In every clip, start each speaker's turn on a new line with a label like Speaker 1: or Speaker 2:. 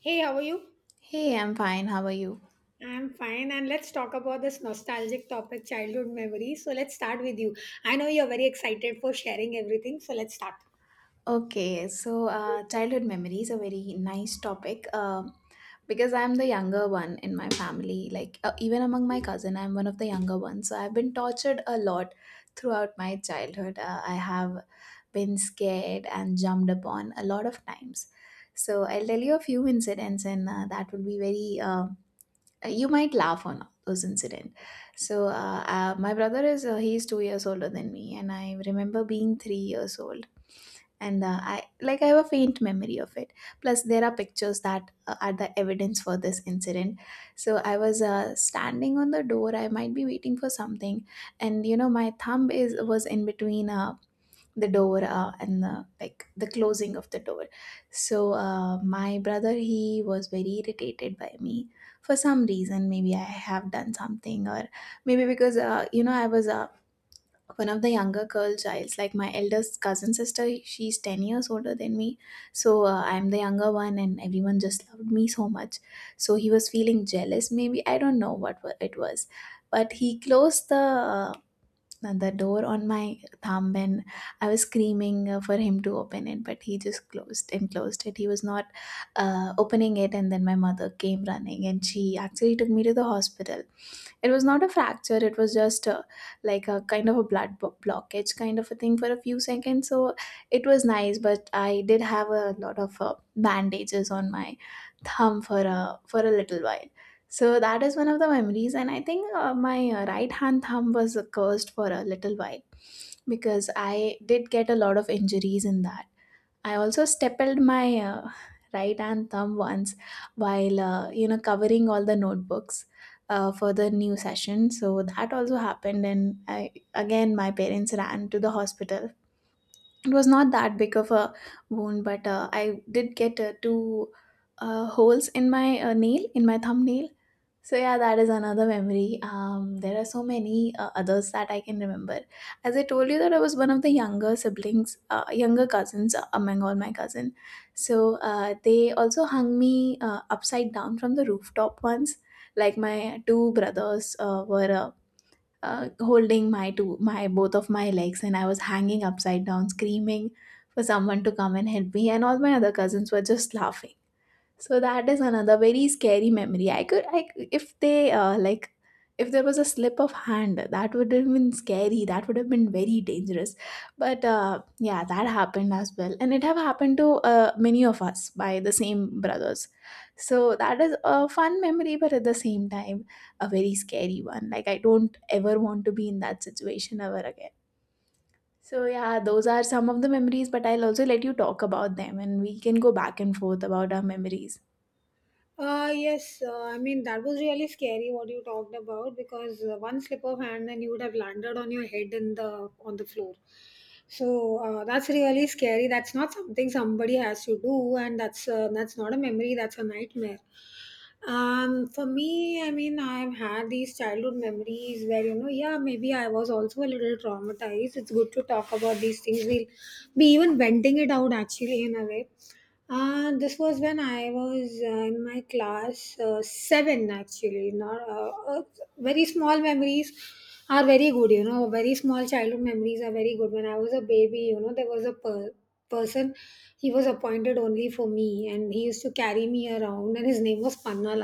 Speaker 1: Hey, how are you?
Speaker 2: Hey, I'm fine. How are you?
Speaker 1: I'm fine, and let's talk about this nostalgic topic, childhood memories. So, let's start with you. I know you're very excited for sharing everything, so let's start.
Speaker 2: Okay, so childhood memories are very nice topic, because I'm the younger one in my family. Like, even among my cousin, I'm one of the younger ones. So I've been tortured a lot throughout my childhood. I have been scared and jumped upon a lot of times. So I'll tell you a few incidents, and that will be very, you might laugh on those incident. So my brother is he's 2 years older than me, and I remember being 3 years old, and I, like I have a faint memory of it, plus there are pictures that are the evidence for this incident. So I was standing on the door. I might be waiting for something, and you know my thumb is was in between a the door and the, like, the closing of the door. So my brother, he was very irritated by me for some reason. Maybe I have done something, or maybe because you know, I was one of the younger girl childs. Like my eldest cousin sister, she's 10 years older than me. So I'm the younger one, and everyone just loved me so much. So he was feeling jealous, maybe. I don't know what it was, but he closed the the door on my thumb, and I was screaming for him to open it, but he just closed and closed it. He was not opening it, and then my mother came running, and she actually took me to the hospital. It was not a fracture. It was just a, like, a kind of a blood blockage kind of a thing for a few seconds. So it was nice, but I did have a lot of bandages on my thumb for a little while. So that is one of the memories, and I think my right hand thumb was cursed for a little while, because I did get a lot of injuries in that. I also stapled my right hand thumb once while you know, covering all the notebooks for the new session. So that also happened, and I again my parents ran to the hospital. It was not that big of a wound, but I did get two holes in my nail, in my thumbnail. So yeah, that is another memory. There are so many others that I can remember. As I told you, that I was one of the younger siblings, younger cousins, among all my cousin. So they also hung me upside down from the rooftop once. Like my two brothers were holding my two, my both of my legs, and I was hanging upside down, screaming for someone to come and help me, and all my other cousins were just laughing. So that is another very scary memory. I could, if they like, if there was a slip of hand, that would have been scary. That would have been very dangerous. But yeah, that happened as well, and it have happened to many of us by the same brothers. So that is a fun memory, but at the same time, a very scary one. Like, I don't ever want to be in that situation ever again. So yeah, those are some of the memories, but I'll also let you talk about them, and we can go back and forth about our memories.
Speaker 1: Yes, I mean, that was really scary what you talked about because one slip of hand and you would have landed on your head in the on the floor. So that's really scary. That's not something somebody has to do, and that's not a memory. That's a nightmare. For me, I mean, I've had these childhood memories where you know, yeah, maybe I was also a little traumatized. It's good to talk about these things. We'll be even venting it out actually in a way. This was when I was in my class seven, actually. Not Very small memories are very good. You know, very small childhood memories are very good. When I was a baby, you know, there was a person. He was appointed only for me, and he used to carry me around, and his name was Panna,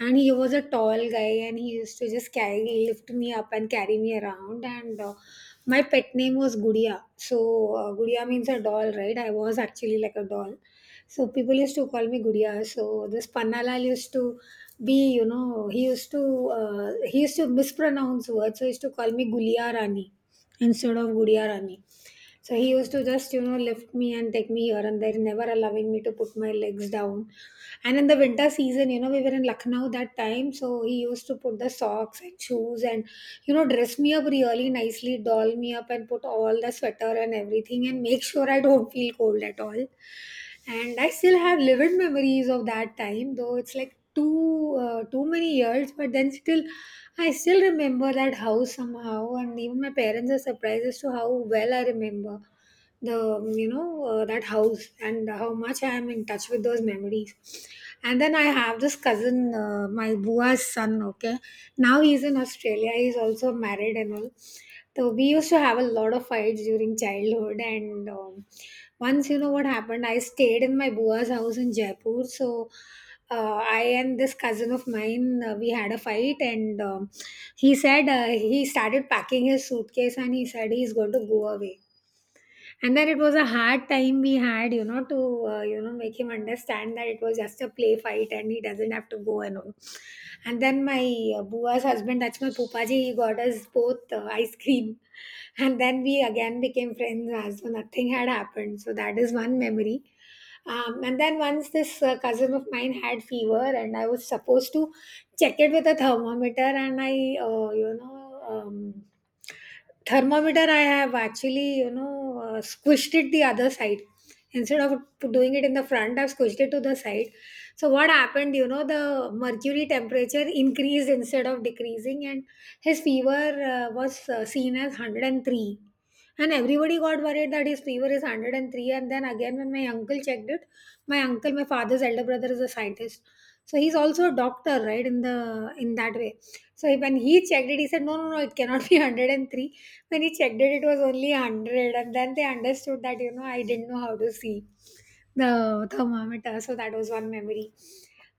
Speaker 1: and he was a tall guy and he used to just carry lift me up and carry me around. And my pet name was gudiya. So gudiya means a doll, right? I was actually like a doll, so people used to call me gudiya. So this pannalal used to be, you know, he used to mispronounce words, so he used to call me guliya rani instead of gudiya rani. So he used to just, you know, lift me and take me here and there, never allowing me to put my legs down. And in the winter season, you know, we were in Lucknow that time. So he used to put the socks and shoes and, you know, dress me up really nicely, doll me up and put all the sweater and everything and make sure I don't feel cold at all. And I still have vivid memories of that time, though it's like too many years. But then still, I still remember that house somehow, and even my parents are surprised as to how well I remember the you know that house and how much I am in touch with those memories. And then I have this cousin, my bua's son, okay. Now he's in Australia, he's also married and all. So we used to have a lot of fights during childhood. And once, you know what happened, I stayed in my bua's house in Jaipur. So I and this cousin of mine, we had a fight. And he started packing his suitcase and he said he's going to go away, and then it was a hard time we had, you know, to, you know, make him understand that it was just a play fight and he doesn't have to go and all. And then my bua's husband, that's my pupaji, he got us both ice cream. And then we again became friends as though nothing had happened. So that is one memory. And then once this cousin of mine had fever and I was supposed to check it with a thermometer. And uh, you know, um, thermometer, I have actually, you know, squished it the other side instead of doing it in the front. I've squished it to the side. So what happened, you know, the mercury temperature increased instead of decreasing, and his fever was seen as 103, and everybody got worried that his fever is 103. And then again when my uncle checked it, my uncle, my father's elder brother, is a scientist, so he's also a doctor, right, in the in that way. So when he checked it, he said, no, no, no, it cannot be 103. When he checked it, it was only 100, and then they understood that, you know, I didn't know how to see the thermometer. So that was one memory.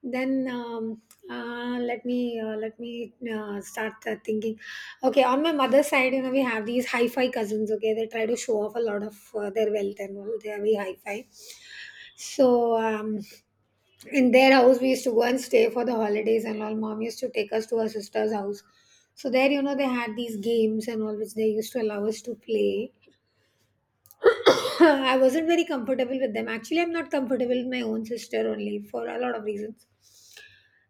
Speaker 1: Then let me start thinking. Okay, on my mother's side, you know, we have these hi-fi cousins, okay, they try to show off a lot of their wealth and all. They are very hi-fi. So in their house we used to go and stay for the holidays and all. Mom used to take us to her sister's house. So there, you know, they had these games and all which they used to allow us to play. I wasn't very comfortable with them. Actually, I'm not comfortable with my own sister only, for a lot of reasons.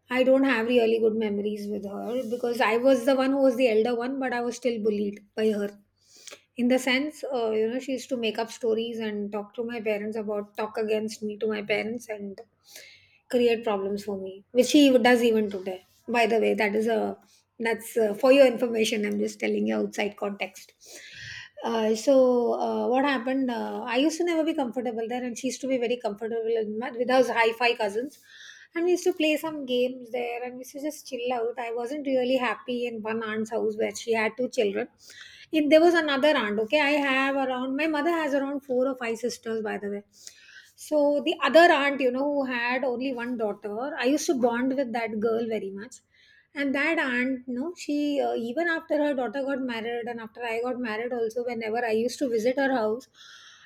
Speaker 1: I don't have really good memories with her, because I was the one who was the elder one, but I was still bullied by her. In the sense, you know, she used to make up stories and talk to my parents talk against me to my parents and create problems for me, which she does even today. By the way, that's for your information. I'm just telling you outside context. So what happened? I used to never be comfortable there, and she used to be very comfortable in with her hi-fi cousins. And we used to play some games there, and we used to just chill out. I wasn't really happy in one aunt's house where she had two children. In there was another aunt. Okay, I have around, my mother has around four or five sisters, by the way. So the other aunt, you know, who had only one daughter, I used to bond with that girl very much. And that aunt, no, she even after her daughter got married and after I got married, also, whenever I used to visit her house,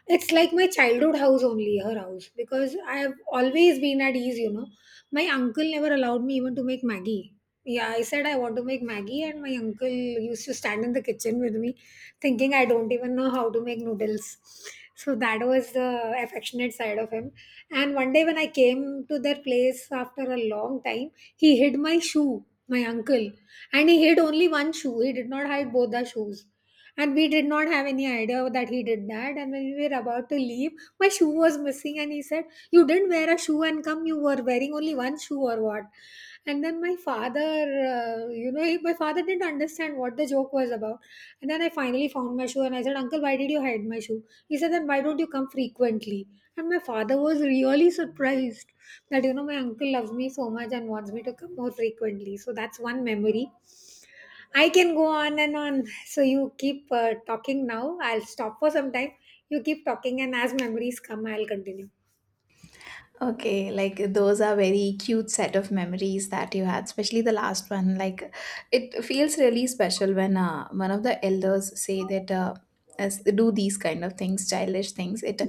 Speaker 1: it's like my childhood house only, her house, because I have always been at ease, you know. My uncle never allowed me even to make Maggie. Yeah, I said I want to make Maggie, and my uncle used to stand in the kitchen with me, thinking I don't even know how to make noodles. So that was the affectionate side of him. And one day when I came to their place after a long time, he hid my shoe, my uncle, and he hid only one shoe. He did not hide both the shoes. And we did not have any idea that he did that. And when we were about to leave, my shoe was missing. And he said, you didn't wear a shoe and come, you were wearing only one shoe or what? And then my father, my father didn't understand what the joke was about. And then I finally found my shoe and I said, uncle, why did you hide my shoe? He said, then why don't you come frequently? And my father was really surprised that, you know, my uncle loves me so much and wants me to come more frequently. So that's one memory. I can go on and on. So you keep talking now. I'll stop for some time. You keep talking, and as memories come, I'll continue.
Speaker 2: Okay, like those are very cute set of memories that you had, especially the last one. Like, it feels really special when one of the elders say that as do these kind of things, childish things. It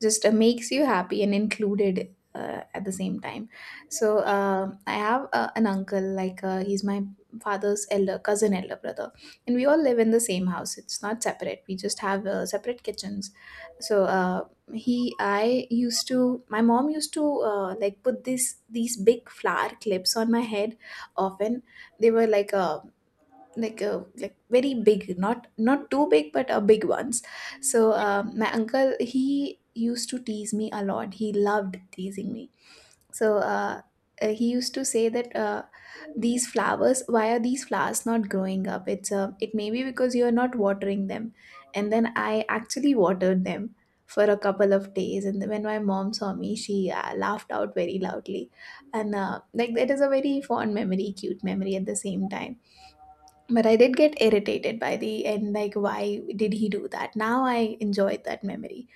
Speaker 2: just makes you happy and included at the same time. So I have an uncle, like he's my father's elder cousin, elder brother, and we all live in the same house. It's not separate. We just have separate kitchens. So. He I used to My mom used to like, put this these big flower clips on my head often. They were like a, like a, like very big, not not too big, but a big ones. So my uncle, he used to tease me a lot. He loved teasing me. So he used to say that these flowers, why are these flowers not growing up? It may be because you are not watering them. And then I actually watered them for a couple of days. And when my mom saw me, she laughed out very loudly. And like, it is a very fond memory, cute memory at the same time. But I did get irritated by the end. Like, why did he do that? Now I enjoyed that memory.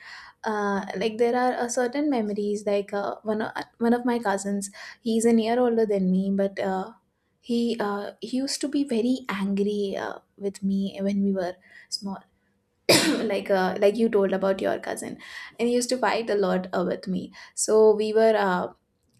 Speaker 2: Like, there are a certain memories like one of my cousins, he's a year older than me, but he used to be very angry with me when we were small. Like like you told about your cousin, and he used to fight a lot with me. So we were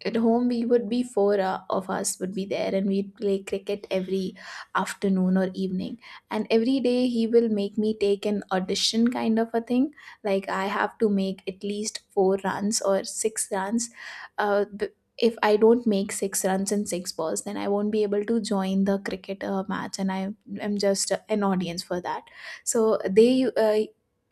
Speaker 2: at home, we would be four of us would be there, and we'd play cricket every afternoon or evening. And every day, he will make me take an audition kind of a thing. Like, I have to make at least four runs or six runs. uh, b- if I don't make six runs in six balls, then I won't be able to join the cricket match, and I am just an audience for that. So they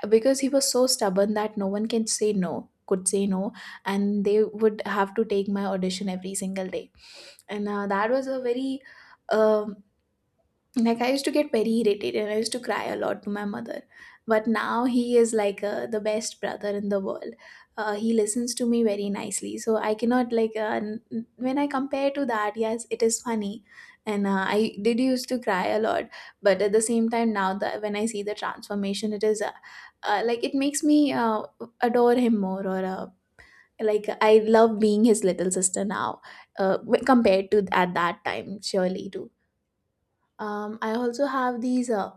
Speaker 2: because he was so stubborn that no one can say could say no, and they would have to take my audition every single day. And that was a very um, like, I used to get very irritated, and I used to cry a lot to my mother. But now he is like the best brother in the world. He listens to me very nicely, so I cannot like when I compare to that, yes, it is funny. And I did used to cry a lot, but at the same time, now that when I see the transformation, it is like, it makes me adore him more or like, I love being his little sister now, compared to at that time surely too. I also have these uh,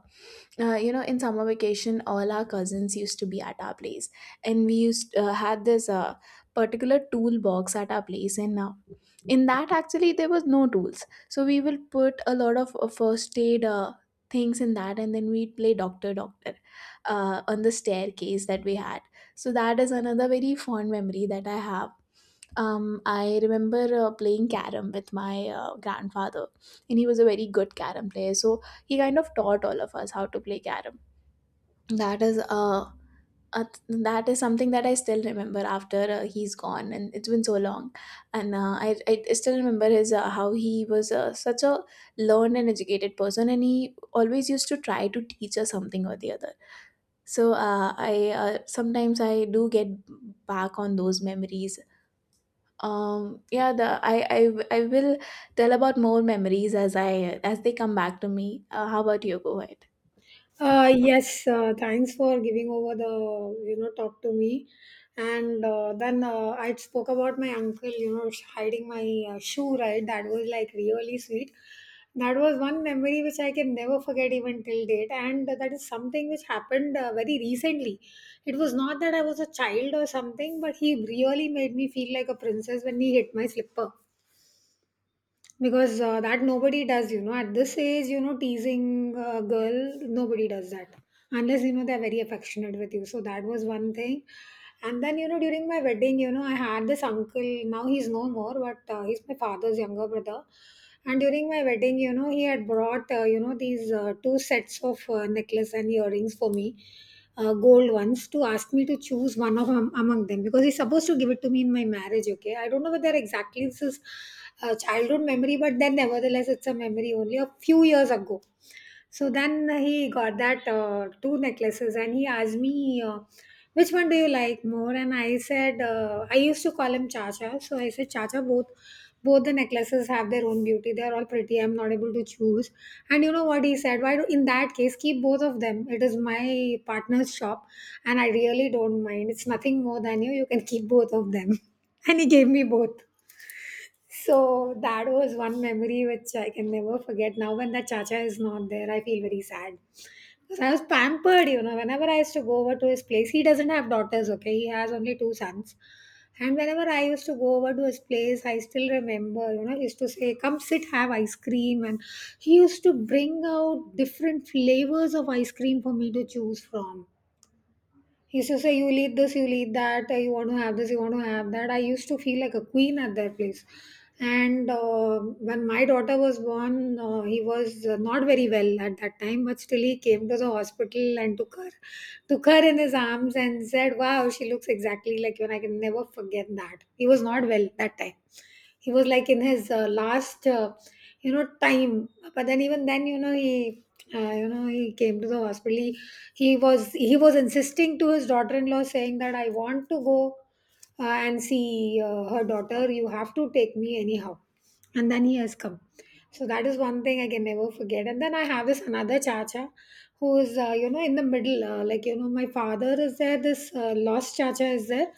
Speaker 2: uh, you know, in summer vacation, all our cousins used to be at our place, and we used had this particular toolbox at our place, and in that actually there was no tools, so we will put a lot of first aid things in that, and then we'd play doctor doctor on the staircase that we had. So that is another very fond memory that I have. I remember playing carom with my grandfather, and he was a very good carom player. So he kind of taught all of us how to play carom. That is uh, that is something that I still remember after he's gone, and it's been so long. And I still remember his how he was such a learned and educated person, and he always used to try to teach us something or the other. So I sometimes I do get back on those memories. Yeah, the I will tell about more memories as I as they come back to me. How about you go ahead?
Speaker 1: Yes, Thanks for giving over the, you know, talk to me. And then I spoke about my uncle, you know, hiding my shoe, right. That was like really sweet. That was one memory which I can never forget even till date, and that is something which happened very recently. It was not that I was a child or something, but he really made me feel like a princess when he hit my slipper. Because that nobody does, you know, at this age, you know, teasing a girl, nobody does that unless, you know, they're very affectionate with you. So that was one thing. And then, you know, during my wedding, you know, I had this uncle, now he's no more, but he's my father's younger brother. And during my wedding, you know, he had brought you know, these two sets of necklace and earrings for me, gold ones, to ask me to choose one of among them, because he's supposed to give it to me in my marriage. Okay, I don't know whether exactly this is a childhood memory, but then nevertheless it's a memory only a few years ago. So then he got that two necklaces and he asked me which one do you like more. And I said I used to call him chacha, so I said, chacha, both both the necklaces have their own beauty. They are all pretty. I'm not able to choose. And you know what he said? Why do, in that case, keep both of them? It is my partner's shop, and I really don't mind. It's nothing more than you. You can keep both of them. And he gave me both. So that was one memory which I can never forget. Now when that Chacha is not there, I feel very sad. Because I was pampered. Whenever I used to go over to his place, he doesn't have daughters, okay? He has only two sons. And whenever I used to go over to his place, I still remember, he used to say, "Come sit, have ice cream." And he used to bring out different flavors of ice cream for me to choose from. He used to say, "You need this, you need that, you want to have this, you want to have that." I used to feel like a queen at that place. And when my daughter was born, he was not very well at that time, but still he came to the hospital and took her in his arms and said, "Wow, she looks exactly like you." And I can never forget that. He was not well that time. He was like in his last. You know time. But then even then, he he came to the hospital. He was insisting to his daughter-in-law, saying that I want to go and see her daughter. You have to take me anyhow, and then he has come. So that is one thing I can never forget. And then I have this another chacha who is in the middle. Like, my father is there, this lost chacha is there.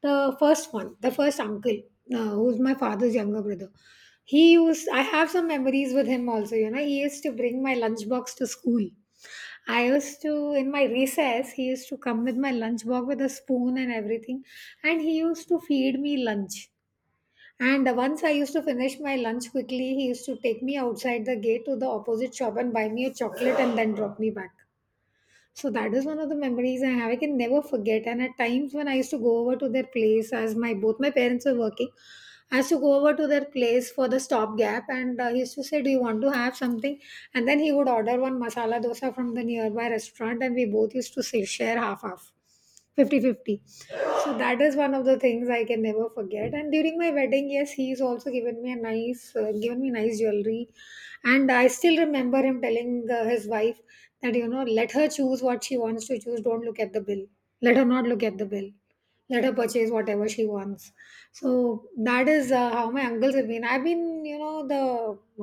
Speaker 1: The first one, the first uncle, who's my father's younger brother. I have some memories with him also, he used to bring my lunchbox to school. In my recess, he used to come with my lunchbox with a spoon and everything. And he used to feed me lunch, and once I used to finish my lunch quickly, he used to take me outside the gate to the opposite shop and buy me a chocolate and then drop me back. So that is one of the memories I have. I can never forget. And at times when I used to go over to their place, as my both my parents were working, I used to go over to their place for the stopgap, and he used to say, "Do you want to have something?" And then he would order one masala dosa from the nearby restaurant, and we both used to say, share half half, fifty fifty. So that is one of the things I can never forget. And during my wedding, yes, he's also given me nice jewelry. And I still remember him telling his wife that let her choose what she wants to choose. Don't look at the bill. Let her not look at the bill. Let her purchase whatever she wants. So that is how my uncles have been. I've been the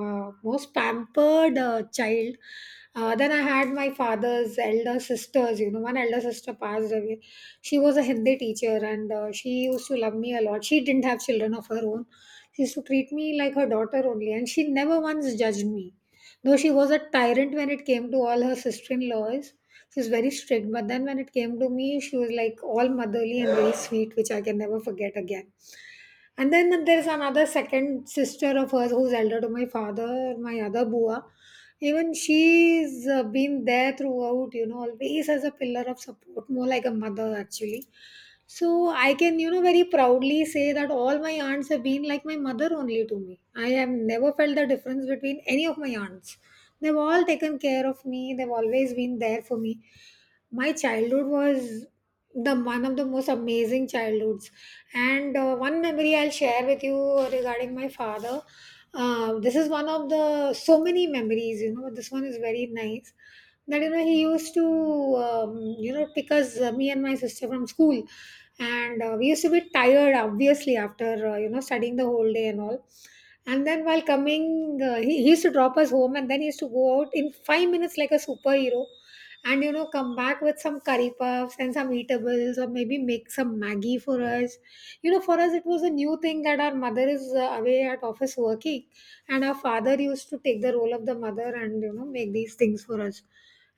Speaker 1: most pampered child. Then I had my father's elder sisters. One elder sister passed away. She was a Hindi teacher, and she used to love me a lot. She didn't have children of her own. She used to treat me like her daughter only, and she never once judged me. Though she was a tyrant when it came to all her sister in laws, she was very strict. But then when it came to me, she was like all motherly and very sweet, which I can never forget again. And then there's another second sister of hers who's elder to my father, my other Bua. Even she's been there throughout, always as a pillar of support, more like a mother actually. So I can very proudly say that all my aunts have been like my mother only to me. I have never felt the difference between any of my aunts. They've all taken care of me, they've always been there for me. My childhood was the one of the most amazing childhoods. And one memory I'll share with you regarding my father. This is one of the so many memories, but this one is very nice. That, he used to, pick us, me and my sister from school, and we used to be tired obviously after studying the whole day and all. And then while coming, he used to drop us home, and then he used to go out in 5 minutes like a superhero, and come back with some curry puffs and some eatables, or maybe make some maggie for us. For us, it was a new thing that our mother is away at office working, and our father used to take the role of the mother and make these things for us,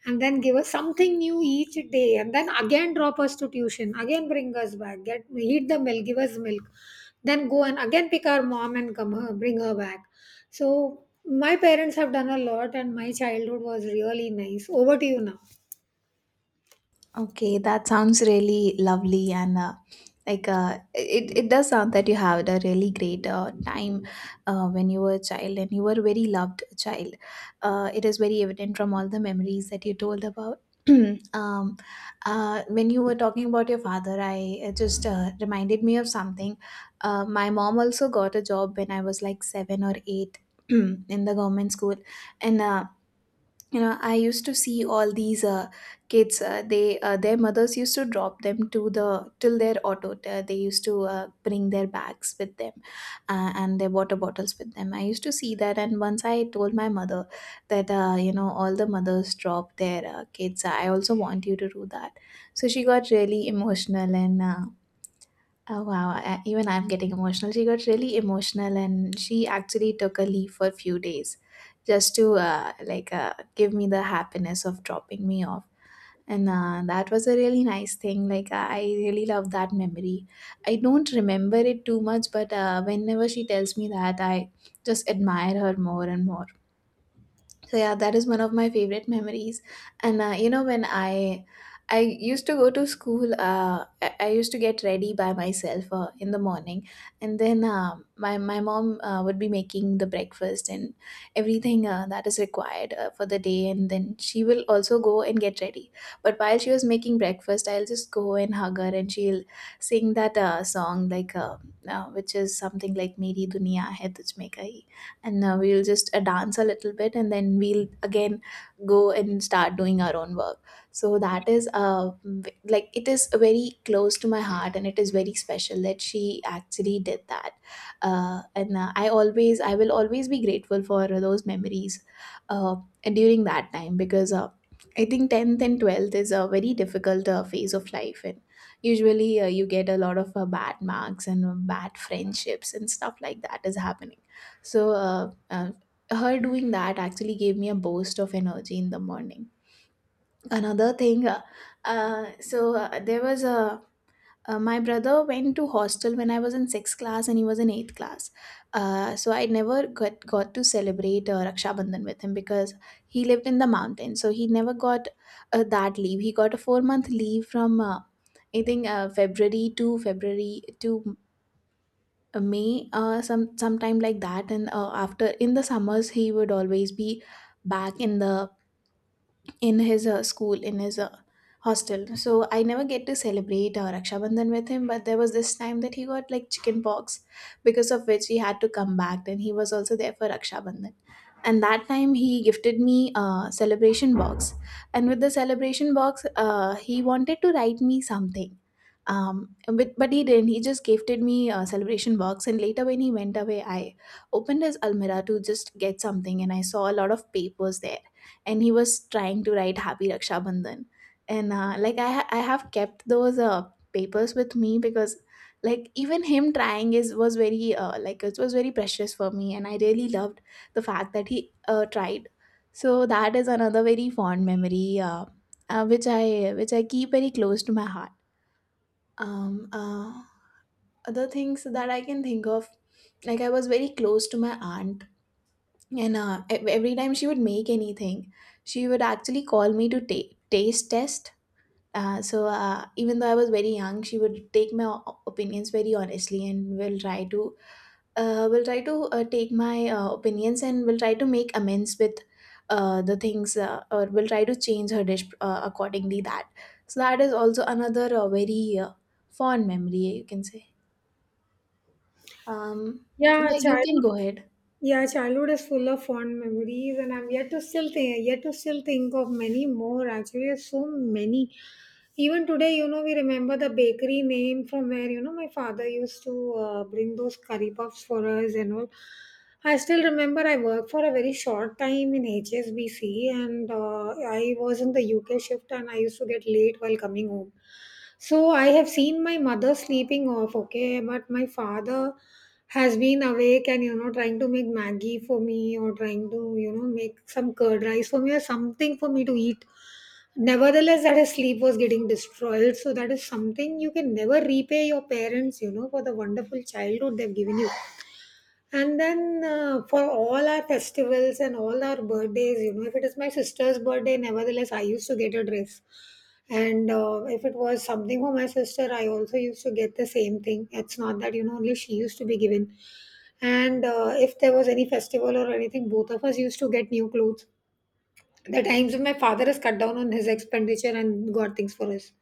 Speaker 1: and then give us something new each day, and then again drop us to tuition, again bring us back, get heat the milk, give us milk, then go and again pick our mom and come her bring her back. So my parents have done a lot, and my childhood was really nice. Over to you now.
Speaker 2: Okay, that sounds really lovely, and like it does sound that you had a really great time when you were a child, and you were a very loved child. It is very evident from all the memories that you told about. um, when you were talking about your father, I it just reminded me of something. My mom also got a job when I was like seven or eight in the government school, and you know, I used to see all these kids, they their mothers used to drop them to the till their auto, they used to bring their bags with them and their water bottles with them. I used to see that, and once I told my mother that you know, all the mothers drop their kids, I also want you to do that. So she got really emotional, and oh wow, I, even I'm getting emotional. She got really emotional and she actually took a leave for a few days just to give me the happiness of dropping me off. And that was a really nice thing. Like I really love that memory. I don't remember it too much, but whenever she tells me that, I just admire her more and more. So yeah, that is one of my favorite memories. And when I used to go to school, I used to get ready by myself in the morning, and then my mom would be making the breakfast and everything that is required for the day, and then she will also go and get ready. But while she was making breakfast, I'll just go and hug her, and she'll sing that song like which is something like "Meri Duniya Hai Tujh Mein Kahin." And we'll just dance a little bit and then we'll again go and start doing our own work, so that is like it is very close to my heart and it is very special that she actually did that. Uh, and uh, i always i will always be grateful for those memories uh, during that time, because I think 10th and 12th is a very difficult phase of life, and usually you get a lot of bad marks and bad friendships and stuff like that is happening. So her doing that actually gave me a burst of energy in the morning. Another thing, there was a my brother went to hostel when I was in sixth class and he was in eighth class. So I never got to celebrate Raksha Bandhan with him because he lived in the mountains. So he never got that leave. He got a 4 month leave from. I think February to May, sometime like that, and after in the summers he would always be back in the in his school, in his hostel. So I never get to celebrate Raksha Bandhan with him, but there was this time that he got like chicken pox, because of which he had to come back. And he was also there for Raksha Bandhan. And that time he gifted me a celebration box. And with the celebration box, he wanted to write me something. But he didn't. He just gifted me a celebration box. And later, when he went away, I opened his almirah to just get something, and I saw a lot of papers there, and he was trying to write happy Raksha Bandhan. And I have kept those papers with me because like even him trying is was very like it was very precious for me, and I really loved the fact that he tried. So that is another very fond memory which I keep very close to my heart. um uh, Other things that I can think of, like I was very close to my aunt, and every time she would make anything, she would actually call me to taste test. Even though I was very young, she would take my opinions very honestly, and will try to, take my opinions and will try to make amends with the things, or will try to change her dish accordingly. That so that is also another very fond memory you can say. Um,
Speaker 1: Yeah,
Speaker 2: yeah, you can
Speaker 1: childhood.
Speaker 2: go ahead.
Speaker 1: Yeah, childhood is full of fond memories, and I'm yet to still think of many more. Actually, so many. Even today, we remember the bakery name from where my father used to bring those curry puffs for us and all. I still remember I worked for a very short time in HSBC, and I was in the UK shift, and I used to get late while coming home. So I have seen my mother sleeping off, okay, but my father has been awake and trying to make maggie for me, or trying to make some curd rice for me or something for me to eat, nevertheless that his sleep was getting destroyed. So that is something you can never repay your parents for the wonderful childhood they've given you. And then for all our festivals and all our birthdays, if it is my sister's birthday, nevertheless, I used to get a dress. And if it was something for my sister, I also used to get the same thing. It's not that only she used to be given. And if there was any festival or anything, both of us used to get new clothes, the times when my father has cut down on his expenditure and got things for us.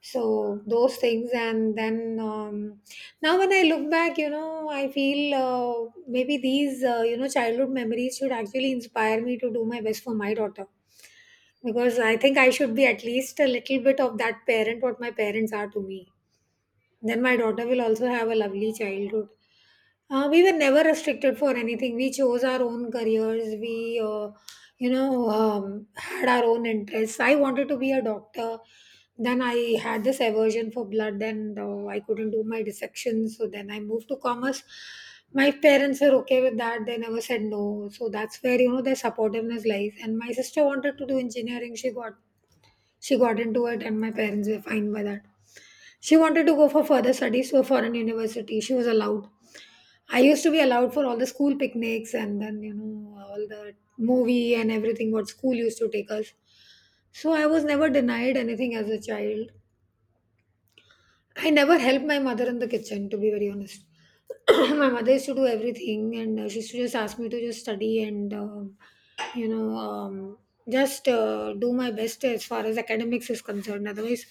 Speaker 1: So those things, and then now when I look back, I feel, maybe these childhood memories should actually inspire me to do my best for my daughter, because I think I should be at least a little bit of that parent what my parents are to me. Then my daughter will also have a lovely childhood. We were never restricted for anything. We chose our own careers. We had our own interests. I wanted to be a doctor. Then I had this aversion for blood, and I couldn't do my dissection. So then I moved to commerce. My parents were okay with that. They never said no. So that's where their supportiveness lies. And my sister wanted to do engineering. She got into it, and my parents were fine by that. She wanted to go for further studies to a foreign university. She was allowed. I used to be allowed for all the school picnics, and then, all the movie and everything what school used to take us. So I was never denied anything as a child. I never helped my mother in the kitchen, to be very honest. My mother used to do everything, and she used to just ask me to just study, and, you know, um, just do my best as far as academics is concerned. Otherwise,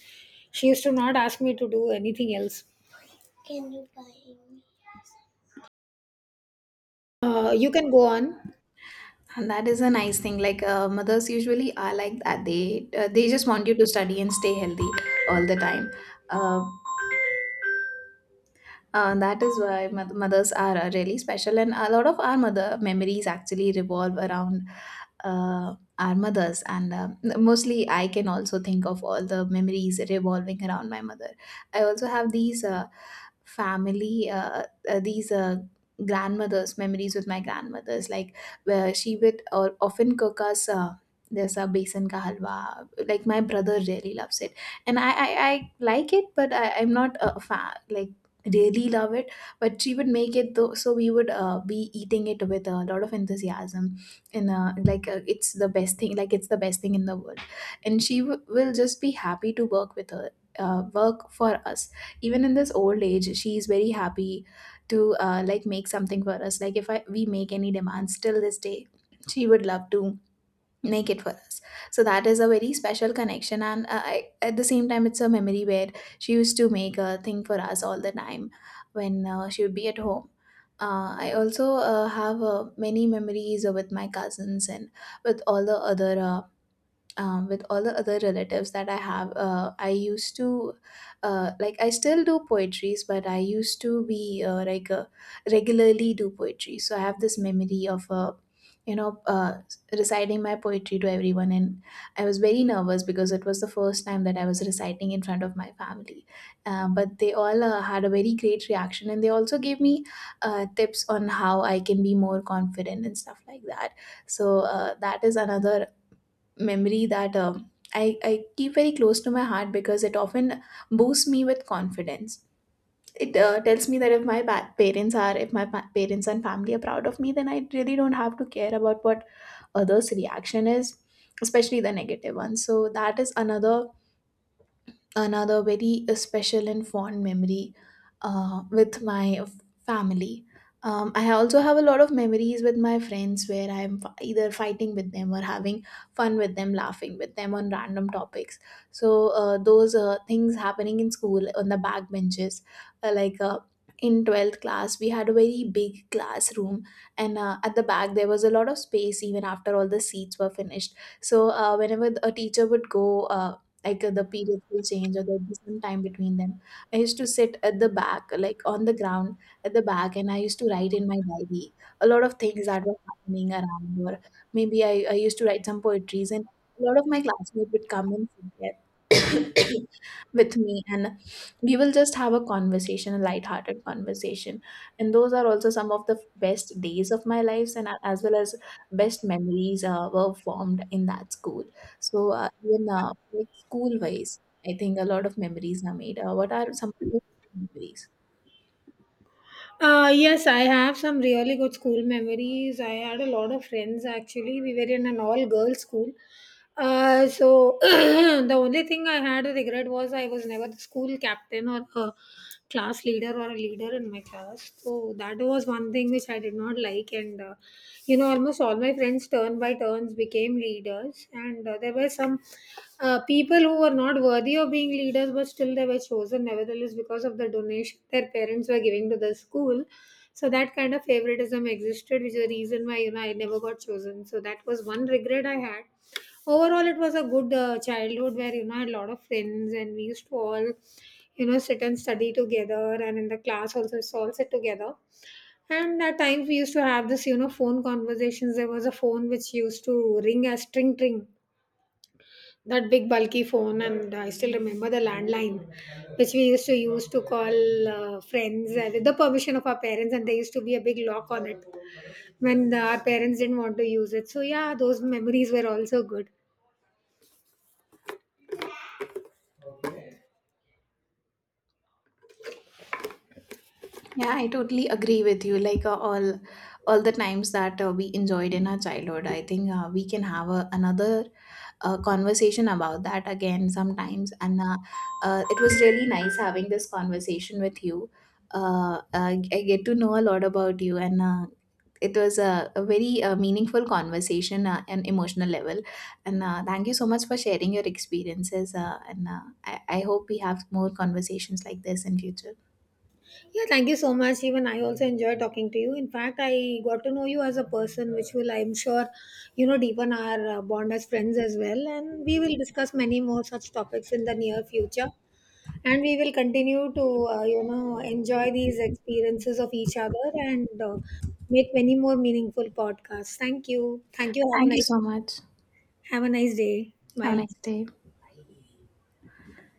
Speaker 1: she used to not ask me to do anything else. You can go on.
Speaker 2: And that is a nice thing. Like mothers usually are like that. They just want you to study and stay healthy all the time. Uh, that is why mothers are really special, and a lot of our mother memories actually revolve around our mothers. And mostly, I can also think of all the memories revolving around my mother. I also have these family, uh, uh, these uh, grandmothers memories with my grandmothers, like where she would or often cook us. There's a besan ka halwa. Like my brother really loves it, and I like it, but I'm not a fan. Like really love it, but she would make it though, so we would be eating it with a lot of enthusiasm. And it's the best thing, like it's the best thing in the world, and will just be happy to work with her work for us. Even in this old age she is very happy to like make something for us, like if I, we make any demands till this day, she would love to make it for us. So that is a very special connection, and at the same time it's a memory where she used to make a thing for us all the time when she would be at home. I also have many memories with my cousins and with all the other with all the other relatives that I have. I used to, I still do poetries, but I used to be regularly do poetry. So I have this memory of, you know, uh, reciting my poetry to everyone. And I was very nervous because it was the first time that I was reciting in front of my family. But they all had a very great reaction, and they also gave me tips on how I can be more confident and stuff like that. So that is another memory that I keep very close to my heart because it often boosts me with confidence. It tells me that if my pa- parents are, if my parents and family are proud of me, then I really don't have to care about what others' reaction is, especially the negative one. So that is another very special and fond memory uh, with my f- family. I also have a lot of memories with my friends where I'm either fighting with them or having fun with them, laughing with them on random topics. So, those things happening in school on the back benches, uh, like uh, in 12th class, we had a very big classroom, and at the back, there was a lot of space even after all the seats were finished. So, whenever a teacher would go, the periods will change or there'll be some time between them. I used to sit at the back, like on the ground at the back, and I used to write in my diary a lot of things that were happening around, or I used to write some poetries, and a lot of my classmates would come and sit there with me, and we will just have a conversation, a light-hearted conversation. And those are also some of the best days of my lives, and as well as best memories were formed in that school. So even like school wise, I think a lot of memories are made. What are some of your memories?
Speaker 1: Yes, I have some really good school memories. I had a lot of friends actually. We were in an all girls school. So the only thing I had a regret was I was never the school captain or a class leader or a leader in my class. So that was one thing which I did not like. And almost all my friends turn by turns became leaders, and there were some people who were not worthy of being leaders, but still they were chosen nevertheless because of the donation their parents were giving to the school. So that kind of favoritism existed, which is the reason why I never got chosen. So that was one regret I had. Overall it was a good childhood, where I had a lot of friends, and we used to all sit and study together, and in the class also used to all sit together. And at times we used to have this phone conversations. There was a phone which used to ring as tring tring, that big bulky phone. And I still remember the landline, which we used to use to call friends with the permission of our parents. And there used to be a big lock on it when our parents didn't want to use it. So, yeah, those memories were also good.
Speaker 2: Yeah, I totally agree with you. Like all the times that we enjoyed in our childhood, I think we can have another conversation about that again sometimes. And it was really nice having this conversation with you. I get to know a lot about you, and it was a very meaningful conversation and emotional level, and thank you so much for sharing your experiences I hope we have more conversations like this in future.
Speaker 1: Yeah, thank you so much. Even I also enjoy talking to you. In fact, I got to know you as a person, which will, I'm sure, deepen our bond as friends as well. And we will discuss many more such topics in the near future. And we will continue to, enjoy these experiences of each other, and make many more meaningful podcasts. Thank you. Thank you. Have a
Speaker 2: Thank you
Speaker 1: nice,
Speaker 2: so much.
Speaker 1: have a nice day.
Speaker 2: Have a
Speaker 1: Bye.
Speaker 2: nice day.